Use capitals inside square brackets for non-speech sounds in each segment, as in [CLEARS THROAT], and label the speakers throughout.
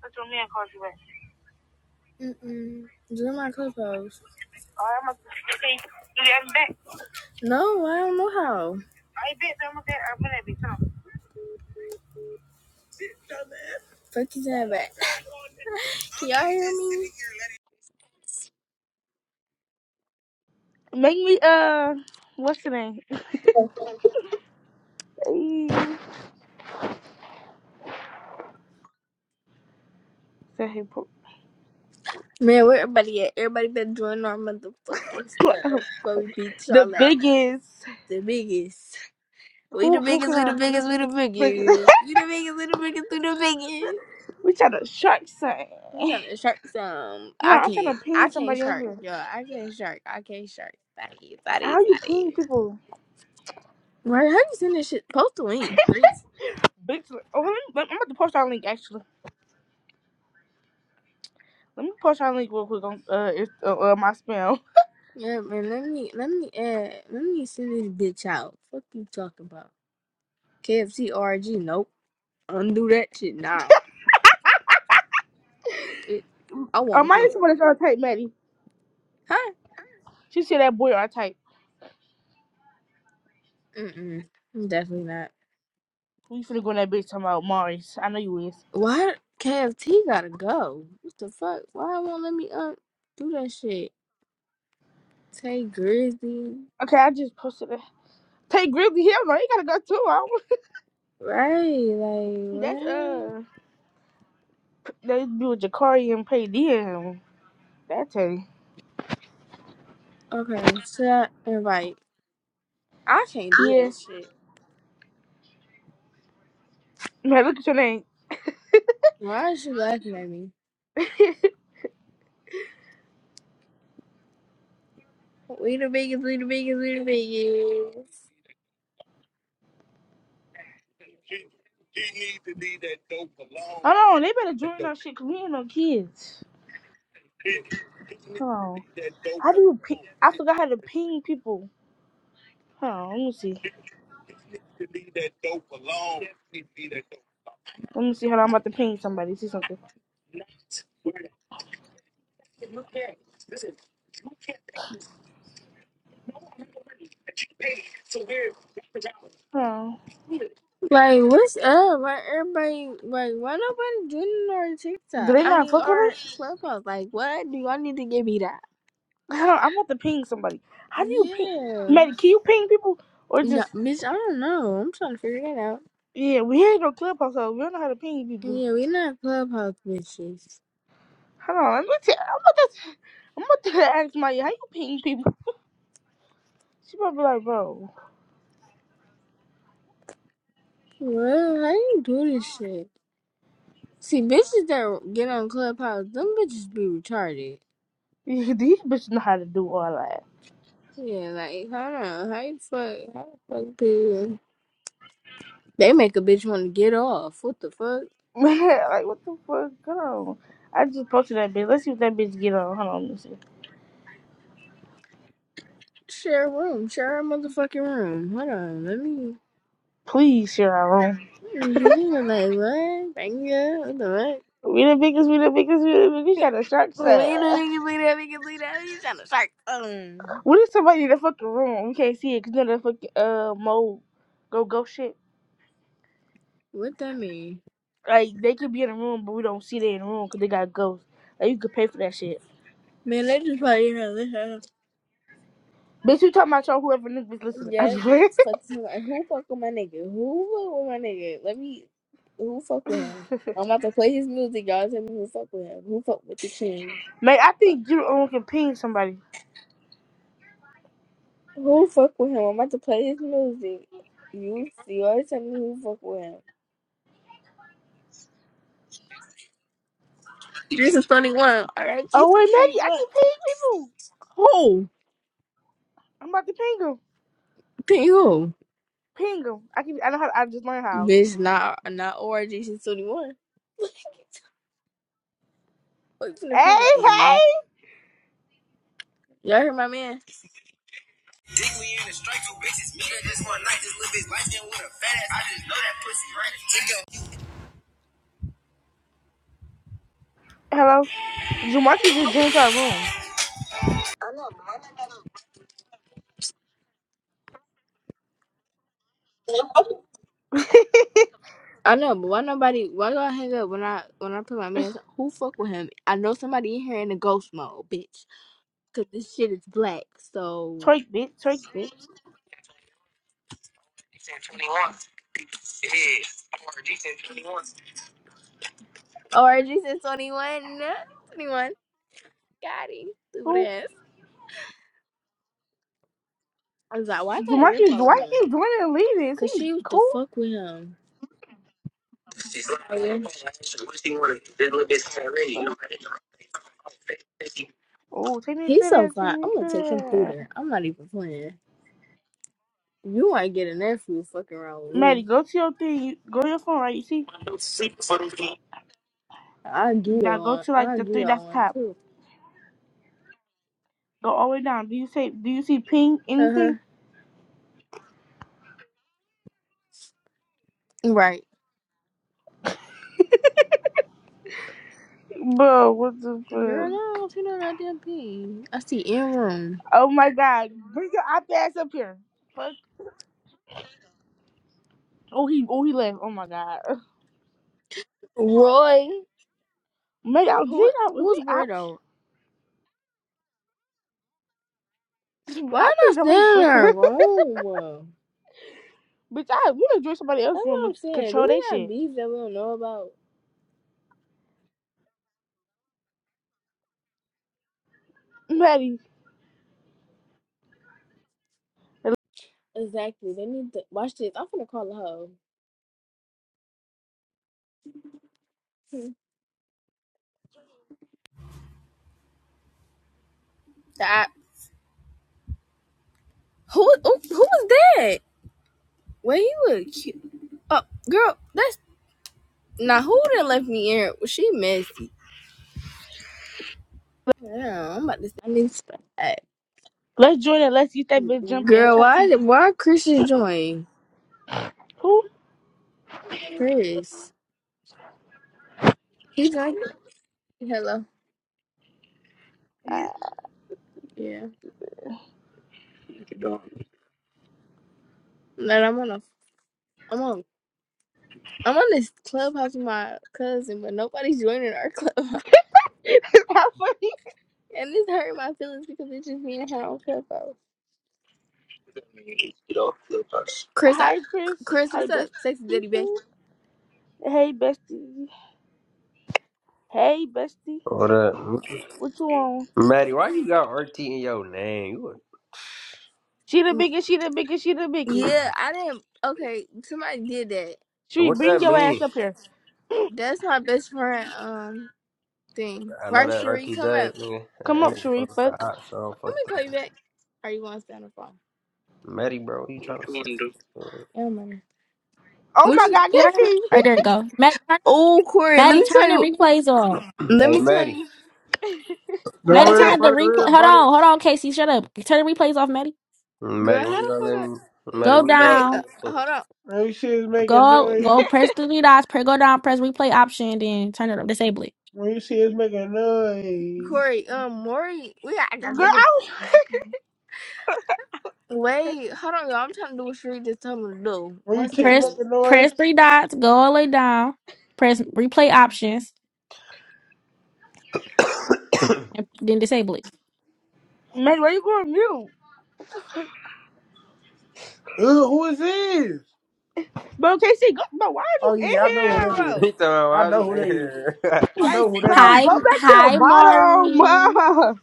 Speaker 1: Dat is wel meer you back. Mm-mm. Join my clubhouse. Oh, I'm okay. You got me back. No, I don't know how. I bet je bent helemaal I'm gonna be van. Fuck you, that back. Can y'all hear me?
Speaker 2: Make me uh, what's the name? Eh, say hey, bro.
Speaker 1: Man, where everybody at? Everybody been doing our motherfucking stuff. But we beat
Speaker 2: The
Speaker 1: y'all at
Speaker 2: biggest.
Speaker 1: the biggest. We
Speaker 2: Who
Speaker 1: the
Speaker 2: who can
Speaker 1: biggest, we
Speaker 2: I?
Speaker 1: the
Speaker 2: [LAUGHS] who
Speaker 1: biggest, we the
Speaker 2: the biggest-
Speaker 1: biggest. We the biggest, we the biggest, we the biggest.
Speaker 2: [LAUGHS] We trying to shark something.
Speaker 1: I'm trying to shark some.
Speaker 2: Hold on,
Speaker 1: I
Speaker 2: I'm trying
Speaker 1: can't.
Speaker 2: to
Speaker 1: I
Speaker 2: ping
Speaker 1: can't
Speaker 2: somebody on
Speaker 1: shark,
Speaker 2: here.
Speaker 1: y'all. I can't shark. I can't shark. Sorry,
Speaker 2: How
Speaker 1: sorry,
Speaker 2: you
Speaker 1: sorry.
Speaker 2: ping people?
Speaker 1: Right, how you send this shit? Post the link, bitch.
Speaker 2: Bitch. Oh, let me, let- I'm about to post our link actually. Let me post our link real quick on uh, it's, uh, uh my spam.
Speaker 1: Yeah, man. Let me let me add. Let me send this bitch out. Fuck you talking about? KFCRG? Nope. Undo that shit now. It. I
Speaker 2: Uh,
Speaker 1: won't
Speaker 2: my
Speaker 1: send
Speaker 2: is
Speaker 1: it.
Speaker 2: somebody trying to type Maddie.
Speaker 1: Huh?
Speaker 2: She said that boy I type.
Speaker 1: Mm mm. Definitely not.
Speaker 2: We finna go in that bitch talking about Maurice. I know you is.
Speaker 1: Why KFT gotta go? What the fuck? Why it won't let me un do that shit? Tay Grizzly.
Speaker 2: Okay, I just posted it. Take Grizzly Hill, no, you gotta go too. I don't-
Speaker 1: Right? Like
Speaker 2: [LAUGHS] That's
Speaker 1: what?
Speaker 2: uh They be with Jakari and Pay DM. That Teddy.
Speaker 1: Okay. Should I invite? I can't do
Speaker 2: Yeah.
Speaker 1: that shit.
Speaker 2: Man, look at your name.
Speaker 1: Why is she laughing at me?
Speaker 2: [LAUGHS]
Speaker 1: Weena Vegas, Weena Vegas, Weena Vegas.
Speaker 2: Hold on, they better join our shit because we ain't no kids. Hold on. How do you ping? I forgot how to ping people. Hold on, let me see. Let me see. Hold on, I'm about to ping somebody. See something. Hold on.
Speaker 1: Like, what's up? Why everybody, like, why nobody joining our
Speaker 2: Do
Speaker 1: TikTok?
Speaker 2: they
Speaker 1: I
Speaker 2: not
Speaker 1: mean,
Speaker 2: fuck with
Speaker 1: our
Speaker 2: us?
Speaker 1: clubhouse. Like, what do y'all need to give me that?
Speaker 2: Hold on, I'm about to ping somebody. How do you ping?
Speaker 1: Yeah.
Speaker 2: Maddie, can you ping people? Or
Speaker 1: No,
Speaker 2: just,
Speaker 1: bitch, I don't know. I'm trying to figure that out.
Speaker 2: yeah, we ain't no clubhouse, so we don't know how to ping people.
Speaker 1: Yeah, we not clubhouse bitches.
Speaker 2: Hold on, let me tell I'm about to, I'm about to [LAUGHS] ask Maya, how you ping people? She probably like, bro,
Speaker 1: What? How you do this shit? See, bitches that get on clubhouse, them bitches be retarded.
Speaker 2: [LAUGHS] these bitches know how to do all that.
Speaker 1: Yeah, like, I don't know. How you fuck? How the fuck do They make a bitch want to get off. What the fuck?
Speaker 2: [LAUGHS] like, what the fuck? Come on. I just posted that bitch. Let's see what that bitch get on. Hold on, let me see.
Speaker 1: Share a room. Share a motherfucking room. Hold on. Let me.
Speaker 2: Please, share our room.
Speaker 1: Yeah, like what? Thank you. What the
Speaker 2: We the biggest, we the biggest, we the biggest. We
Speaker 1: fuck?
Speaker 2: Trying to shark
Speaker 1: [LAUGHS]
Speaker 2: set.
Speaker 1: Leave that nigga, leave that nigga, leave that nigga. Trying to shark phone.
Speaker 2: What is somebody in the fucking room? We can't see it because none of the fucking uh, mo go go shit.
Speaker 1: What that mean?
Speaker 2: Like, they could be in the room, but we don't see they in the room because they got ghosts. Like, you could pay for that shit.
Speaker 1: Man, they just probably have this house.
Speaker 2: Bitch, you talking about y'all whoever niggas listening. I
Speaker 1: Yeah.
Speaker 2: swear.
Speaker 1: Fuck you. And Who fuck with my nigga? Who fuck with my nigga? Let me. Who fuck with him?
Speaker 2: [LAUGHS]
Speaker 1: I'm about to play his music. Y'all tell me who fuck with him. Who fuck with the king?
Speaker 2: Man, I think you only can ping somebody.
Speaker 1: Who fuck with him? I'm about to play his music. You, you always tell me who fuck with him. Jesus 21. All right,
Speaker 2: Oh
Speaker 1: Jesus
Speaker 2: wait, Maggie, I
Speaker 1: 21.
Speaker 2: can ping people.
Speaker 1: Who?
Speaker 2: I'm about to ping them.
Speaker 1: Ping who?
Speaker 2: Ping them. I can. I know how. I just learned how.
Speaker 1: Bitch, not, not or Jesus 21. What you finna
Speaker 2: Hey,
Speaker 1: ping?
Speaker 2: hey.
Speaker 1: Y'all heard my man?
Speaker 2: Hello. Jamarcus just joined our room. [LAUGHS]
Speaker 1: I know, but why nobody, why y'all hang up when I, when I put my man, who fuck with him? I know somebody in here in the ghost mode, bitch. Cause this shit is black, so.
Speaker 2: Twerk bitch. Twerk bitch.
Speaker 1: Or Jesus Twenty one, twenty one. Got him. Stupid
Speaker 2: Who?
Speaker 1: ass. I was like, why I thought you're
Speaker 2: Jamarcus.
Speaker 1: following
Speaker 2: Why he
Speaker 1: him?
Speaker 2: keep joining and leaving? Is
Speaker 1: Cause
Speaker 2: he
Speaker 1: she used to
Speaker 2: cool?
Speaker 1: fuck with him.
Speaker 2: Fuck. Oh, take me to
Speaker 1: He's so
Speaker 2: that. Take
Speaker 1: fine.
Speaker 2: me
Speaker 1: I'm gonna take him through
Speaker 2: to that.
Speaker 1: there. I'm not even playing. You ain't getting that food fucking around with
Speaker 2: Maddie,
Speaker 1: me.
Speaker 2: go to your thing. You, go to your phone, right? You see?
Speaker 1: I'll give
Speaker 2: Now
Speaker 1: you
Speaker 2: go
Speaker 1: one.
Speaker 2: to like
Speaker 1: I'll
Speaker 2: the
Speaker 1: give you
Speaker 2: three that's
Speaker 1: one
Speaker 2: top.
Speaker 1: too.
Speaker 2: Go all the way down. Do you say? Do you see ping
Speaker 1: Uh
Speaker 2: anything?
Speaker 1: huh. Right.
Speaker 2: Bro, what the
Speaker 1: Girl,
Speaker 2: fuck?
Speaker 1: I don't see no goddamn thing. I see in room.
Speaker 2: Oh my god. Bring your op ass up here. Fuck. Oh, he oh he left. Oh my god.
Speaker 1: Roy.
Speaker 2: Man, I did
Speaker 1: Who
Speaker 2: not if
Speaker 1: who's
Speaker 2: we
Speaker 1: worried
Speaker 2: ops.
Speaker 1: though?
Speaker 2: [LAUGHS]
Speaker 1: Why am
Speaker 2: I
Speaker 1: I
Speaker 2: think nobody
Speaker 1: standing in
Speaker 2: fuck with
Speaker 1: our
Speaker 2: us.
Speaker 1: room?
Speaker 2: [LAUGHS] Bitch, I we gonna join somebody
Speaker 1: That's
Speaker 2: else's room
Speaker 1: what
Speaker 2: and
Speaker 1: I'm saying. Do
Speaker 2: control
Speaker 1: we
Speaker 2: that
Speaker 1: got
Speaker 2: shit.
Speaker 1: beef that we don't know about?
Speaker 2: Maddie,
Speaker 1: Exactly. They need to watch this. I'm gonna call the hoe. That who who who was that? When he was cute. Oh, girl, that's Now who done left me in? Was she messy? Yeah, I'm about to. say. I need to stop.
Speaker 2: let's join it let's get that bitch jumping and
Speaker 1: Girl,
Speaker 2: talk to
Speaker 1: why?
Speaker 2: you.
Speaker 1: did- Why Christian join?
Speaker 2: Who?
Speaker 1: Chris, he's like, Hello. Yeah. That I'm on a. I'm on. I'm on this clubhouse with my cousin, but nobody's joining our [LAUGHS] clubhouse,
Speaker 2: [LAUGHS] How funny.
Speaker 1: and this hurt my feelings because it's just me and her on clubhouse. Chris, I,
Speaker 2: Hi Chris.
Speaker 1: Chris,
Speaker 2: Hi
Speaker 1: what's
Speaker 2: bestie.
Speaker 1: up? Sexy Daddy Bay.
Speaker 2: Hey bestie. Hey bestie.
Speaker 3: What up.
Speaker 2: What you on?
Speaker 3: Maddie, why you got RT in your name? You a-
Speaker 2: She the
Speaker 1: Mm,
Speaker 2: biggest, she the biggest, she the biggest.
Speaker 1: Yeah, I didn't. Okay, somebody did that.
Speaker 2: Sheree,
Speaker 3: What
Speaker 2: bring
Speaker 3: that
Speaker 2: your ass
Speaker 3: mean?
Speaker 2: up here.
Speaker 1: That's my best friend. Um, thing.
Speaker 3: I know
Speaker 1: Right,
Speaker 3: that
Speaker 1: Cherie, come up.
Speaker 3: RTJ, nigga.
Speaker 2: Come
Speaker 3: That that
Speaker 2: up,
Speaker 3: nigga
Speaker 2: Sheree,
Speaker 3: fuck with the
Speaker 2: fuck.
Speaker 3: hot, so I don't
Speaker 1: Let
Speaker 3: fuck
Speaker 1: me call
Speaker 3: with
Speaker 1: you
Speaker 3: that.
Speaker 1: back. Are you want to stay on the phone?
Speaker 3: Maddie, bro, what you trying to fuck?
Speaker 1: It don't matter.
Speaker 2: Oh
Speaker 1: Which
Speaker 2: my
Speaker 1: is-
Speaker 2: god, I
Speaker 4: You
Speaker 2: can
Speaker 4: Right there you go. Maddie Turner,
Speaker 1: oh, Corey, let
Speaker 4: Maddie
Speaker 1: me tell
Speaker 4: Turner
Speaker 1: you.
Speaker 4: replays off.
Speaker 3: [CLEARS THROAT]
Speaker 1: Let
Speaker 3: hey,
Speaker 1: me tell
Speaker 3: Maddie.
Speaker 1: you.
Speaker 2: [LAUGHS]
Speaker 5: do
Speaker 2: Don't
Speaker 4: Maddie
Speaker 1: Let me,
Speaker 4: Turner the
Speaker 5: everybody,
Speaker 2: tell.
Speaker 4: replay.
Speaker 5: everybody!
Speaker 4: Hold on, hold on, Casey. Shut up. Turn the replays off, Maddie.
Speaker 1: girl,
Speaker 3: Maddie,
Speaker 1: how
Speaker 3: when you
Speaker 1: the
Speaker 3: gonna
Speaker 1: fuck?
Speaker 3: let me? Maddie,
Speaker 1: I,
Speaker 4: Go
Speaker 3: when you gonna let
Speaker 1: wait, uh,
Speaker 3: me?
Speaker 4: down.
Speaker 1: hold
Speaker 3: fuck? [LAUGHS]
Speaker 1: on,
Speaker 5: When you see us making
Speaker 4: Go
Speaker 5: noise,
Speaker 4: go press the three dots. Press go down, press replay option, then turn it up. Disable it.
Speaker 5: when you see us making noise,
Speaker 1: Corey. Um, Maury, we got got
Speaker 2: Girl,
Speaker 1: the bitch.
Speaker 2: I
Speaker 1: Wait, hold on, y'all. I'm trying to do what Sheree just told me to do.
Speaker 5: when
Speaker 1: One
Speaker 5: you chicken
Speaker 4: Press
Speaker 1: second.
Speaker 5: making noise,
Speaker 4: press three dots. Go all the way down. Press replay options and then disable it.
Speaker 2: Maddie, where you going mute?
Speaker 5: Ooh, who is this?
Speaker 2: Bro, KC, go, bro, why are you
Speaker 5: Oh yeah, I
Speaker 2: in
Speaker 5: know who
Speaker 2: here,
Speaker 5: that is.
Speaker 2: bro?
Speaker 3: He talking
Speaker 5: I
Speaker 3: about
Speaker 5: know who
Speaker 3: why
Speaker 5: that is.
Speaker 3: you- [LAUGHS]
Speaker 5: I know
Speaker 2: Like,
Speaker 5: who that
Speaker 2: bro, go
Speaker 4: Hi
Speaker 5: is.
Speaker 2: back to the
Speaker 4: hi
Speaker 2: bottom, [LAUGHS]
Speaker 4: Mari.
Speaker 2: bro.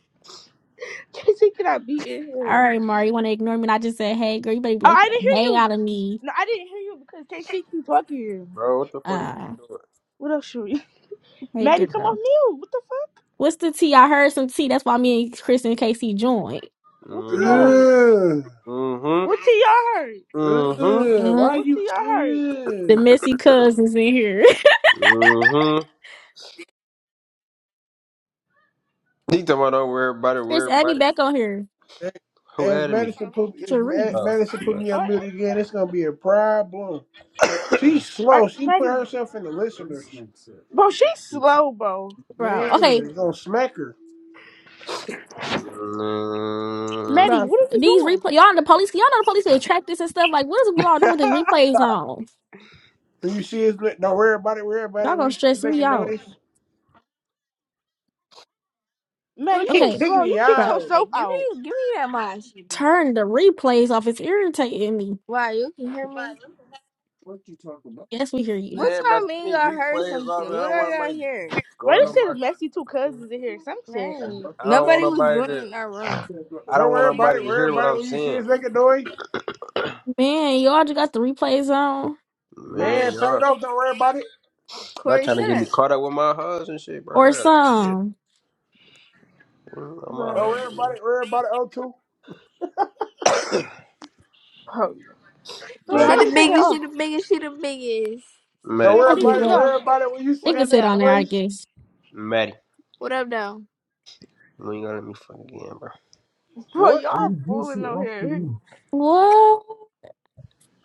Speaker 2: KC cannot be in
Speaker 4: All
Speaker 2: here.
Speaker 4: right, Mari, you wanna ignore me and I just said hey girl, you better be
Speaker 2: Oh,
Speaker 4: like
Speaker 2: I didn't hear
Speaker 4: hey out
Speaker 2: you.
Speaker 4: of me.
Speaker 2: No, I didn't hear you because KC keep talking.
Speaker 3: Bro, what the fuck Maddie
Speaker 4: Uh
Speaker 3: doing?
Speaker 2: What else should we?
Speaker 4: hey
Speaker 2: Maddie, come
Speaker 4: girl.
Speaker 2: off mute. What the fuck?
Speaker 4: What's the tea? I heard some tea. That's why me and Chris and Casey joined.
Speaker 2: What to y'all hurt?
Speaker 3: Mm-hmm. Mm-hmm.
Speaker 2: What to y'all hurt?
Speaker 5: Ugh,
Speaker 3: Mm-hmm.
Speaker 5: ugh. Why
Speaker 4: Mhm.
Speaker 2: What
Speaker 5: you
Speaker 2: to y'all hurt?
Speaker 4: The
Speaker 5: ugh?
Speaker 4: messy cousins in here. [LAUGHS]
Speaker 3: Mm-hmm. He talking about don't worry about it,
Speaker 4: Chris,
Speaker 3: worry
Speaker 4: add me
Speaker 3: about it.
Speaker 4: back on here.
Speaker 5: If
Speaker 3: Who
Speaker 5: if
Speaker 3: added me?
Speaker 5: Madison put if
Speaker 4: Cherie.
Speaker 5: Ma-
Speaker 3: Oh,
Speaker 5: Madison put
Speaker 3: but...
Speaker 5: me
Speaker 2: All
Speaker 5: on
Speaker 2: right,
Speaker 5: mute again, it's gonna be a problem.
Speaker 3: [COUGHS]
Speaker 5: She's
Speaker 2: all right,
Speaker 5: slow. She put
Speaker 2: Maddie.
Speaker 5: herself in the listeners.
Speaker 2: Bro, she's slow, bro.
Speaker 5: Man,
Speaker 4: Bro, okay.
Speaker 5: it's gonna smack her.
Speaker 3: Mm.
Speaker 2: Maddie,
Speaker 4: Bro,
Speaker 2: what are you
Speaker 4: these
Speaker 2: doing?
Speaker 4: replay y'all the police y'all know the police will track this and stuff. Like, what is we all doing
Speaker 3: Man,
Speaker 4: with the replays on?
Speaker 5: When you see us, like, don't worry about it. Worry about it.
Speaker 4: Y'all
Speaker 5: When
Speaker 4: gonna
Speaker 5: you see his
Speaker 4: stress me
Speaker 5: making
Speaker 4: out.
Speaker 5: noise,
Speaker 2: Maddie, you
Speaker 5: fucking
Speaker 2: was
Speaker 4: Okay,
Speaker 5: kick
Speaker 2: slow.
Speaker 5: me
Speaker 2: You kicked
Speaker 4: bro.
Speaker 5: out.
Speaker 1: Hey,
Speaker 2: yourself
Speaker 1: give
Speaker 2: out.
Speaker 1: me, give me that mind, Sheree.
Speaker 4: Turn the replays off. It's irritating me.
Speaker 1: Wow, you can hear me.
Speaker 4: Yes, we hear you.
Speaker 1: What
Speaker 3: by the
Speaker 1: time
Speaker 3: time
Speaker 1: me
Speaker 3: these
Speaker 1: y'all heard
Speaker 3: replays off,
Speaker 1: something?
Speaker 3: man, I
Speaker 1: What
Speaker 3: don't
Speaker 1: are
Speaker 3: want
Speaker 1: y'all
Speaker 3: nobody
Speaker 1: here?
Speaker 2: Why
Speaker 3: going on
Speaker 2: they say
Speaker 3: my.
Speaker 2: the messy two cousins in here? Some shit.
Speaker 1: Right.
Speaker 3: I don't want
Speaker 1: Nobody was
Speaker 3: nobody
Speaker 1: doing it
Speaker 3: to.
Speaker 1: in our room.
Speaker 3: I
Speaker 5: Don't
Speaker 3: don't
Speaker 5: worry
Speaker 3: want
Speaker 5: about it.
Speaker 3: nobody to
Speaker 5: Worry
Speaker 3: hear what
Speaker 5: about it.
Speaker 3: I'm
Speaker 5: When you see
Speaker 3: saying.
Speaker 5: his making noise,
Speaker 4: Man, y'all just got the replays on.
Speaker 2: Huh,
Speaker 3: Man,
Speaker 5: man, turn
Speaker 3: y'all,
Speaker 5: it off. Don't worry about it.
Speaker 3: y'all
Speaker 1: Corey,
Speaker 3: trying to
Speaker 1: shut
Speaker 3: get me
Speaker 1: up.
Speaker 3: caught up with my husband and shit,
Speaker 4: Or
Speaker 3: bro. I gotta chill.
Speaker 4: some.
Speaker 3: man. I'm my
Speaker 2: bro.
Speaker 5: Don't worry
Speaker 3: husband.
Speaker 5: about
Speaker 3: man.
Speaker 5: it. Worry about it. O two.
Speaker 2: bro, Shui,
Speaker 1: She
Speaker 3: Maddie,
Speaker 2: how do
Speaker 1: the
Speaker 2: you take
Speaker 5: [LAUGHS]
Speaker 2: it
Speaker 1: biggest. She
Speaker 2: off?
Speaker 1: the biggest. She the biggest.
Speaker 5: don't
Speaker 2: Shui,
Speaker 3: Maddie,
Speaker 2: how
Speaker 4: I
Speaker 5: worry
Speaker 2: do you
Speaker 5: about
Speaker 4: give
Speaker 2: take
Speaker 5: it.
Speaker 2: it
Speaker 4: up.
Speaker 2: off?
Speaker 5: Worry about it. When you see
Speaker 1: What
Speaker 4: It
Speaker 5: his
Speaker 4: can
Speaker 1: up,
Speaker 4: sit
Speaker 5: making
Speaker 4: on
Speaker 1: though?
Speaker 4: there, I
Speaker 5: noise,
Speaker 4: guess.
Speaker 3: Maddie,
Speaker 1: What up, though?
Speaker 3: when you gonna let me fuck again, bro?
Speaker 2: Bro,
Speaker 5: what, Chris?
Speaker 2: y'all fooling out here.
Speaker 4: What?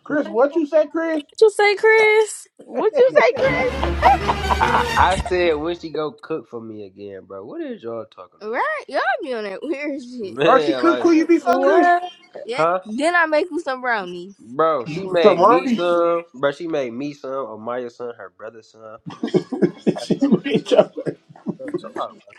Speaker 5: Chris, What
Speaker 4: What
Speaker 5: you say, Chris?
Speaker 4: you say, Chris?
Speaker 2: What would you say,
Speaker 3: I, I said when she go cook for me again, bro. What is y'all talking about?
Speaker 1: Right? Y'all be on that [LAUGHS] weird
Speaker 3: bro?
Speaker 1: shit.
Speaker 5: Or she
Speaker 3: Man,
Speaker 5: cook
Speaker 3: like
Speaker 5: who you
Speaker 2: Chris?
Speaker 5: before
Speaker 3: what?
Speaker 5: Chris?
Speaker 4: What?
Speaker 1: Yeah.
Speaker 3: Huh?
Speaker 1: Then I make you some brownies.
Speaker 3: Bro, she made
Speaker 5: Tomorrow.
Speaker 3: me some. Bro, she made me some. Omaya's son, her brother's son.
Speaker 5: [LAUGHS]
Speaker 3: Like,
Speaker 5: she
Speaker 3: bro,
Speaker 5: made your-
Speaker 3: bro, chill out, bro.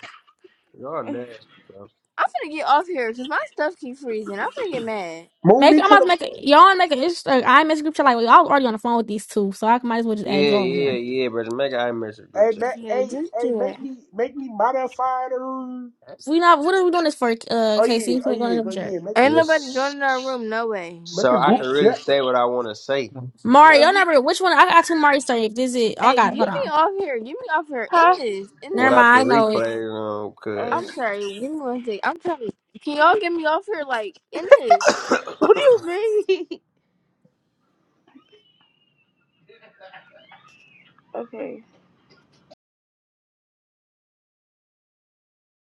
Speaker 3: Y'all nasty, bro.
Speaker 1: I'm finna get off here because my stuff keep freezing. I'm finna get mad.
Speaker 5: [LAUGHS] Move
Speaker 4: Make
Speaker 5: me
Speaker 4: I'm
Speaker 5: to
Speaker 4: about to
Speaker 5: the.
Speaker 4: make a y'all wanna make an Insta. I message group chat like well, y'all already on the phone with these two, so I might as well just add
Speaker 3: Yeah,
Speaker 4: y'all in
Speaker 3: yeah,
Speaker 4: there.
Speaker 3: yeah, bro. Just make an iMessage group
Speaker 5: Hey,
Speaker 3: chat.
Speaker 5: ma-
Speaker 1: Yeah,
Speaker 5: hey,
Speaker 1: just
Speaker 5: hey,
Speaker 1: do it.
Speaker 5: make me, make me modify the.
Speaker 4: We not what are we doing this for? Uh,
Speaker 5: Oh yeah,
Speaker 4: Casey,
Speaker 5: oh
Speaker 4: we
Speaker 5: yeah,
Speaker 4: going to
Speaker 5: go
Speaker 4: jerk.
Speaker 5: yeah. Make the,
Speaker 1: Ain't nobody
Speaker 3: Yes.
Speaker 1: joining our room. No way.
Speaker 5: make
Speaker 3: So
Speaker 5: the
Speaker 3: I can really
Speaker 5: group.
Speaker 3: say what I want to say
Speaker 4: Mari,
Speaker 1: Hey,
Speaker 3: without,
Speaker 4: your
Speaker 1: you,
Speaker 4: number. Which one? I got two Mari story. This is. Oh, I
Speaker 1: hey, get
Speaker 4: got. it. Hold
Speaker 1: me
Speaker 4: on.
Speaker 1: off here. Get me off here.
Speaker 2: [LAUGHS]
Speaker 1: In
Speaker 2: huh?
Speaker 1: this. In
Speaker 4: Never
Speaker 1: this.
Speaker 3: without
Speaker 4: mind.
Speaker 3: the
Speaker 4: I know.
Speaker 3: replay, you know,
Speaker 2: Um,
Speaker 1: I'm
Speaker 3: cuz.
Speaker 1: sorry. Give me one sec. I'm trying to. Can y'all get me off here? Like, in this.
Speaker 2: what do
Speaker 3: [COUGHS]
Speaker 2: you mean? [LAUGHS] okay.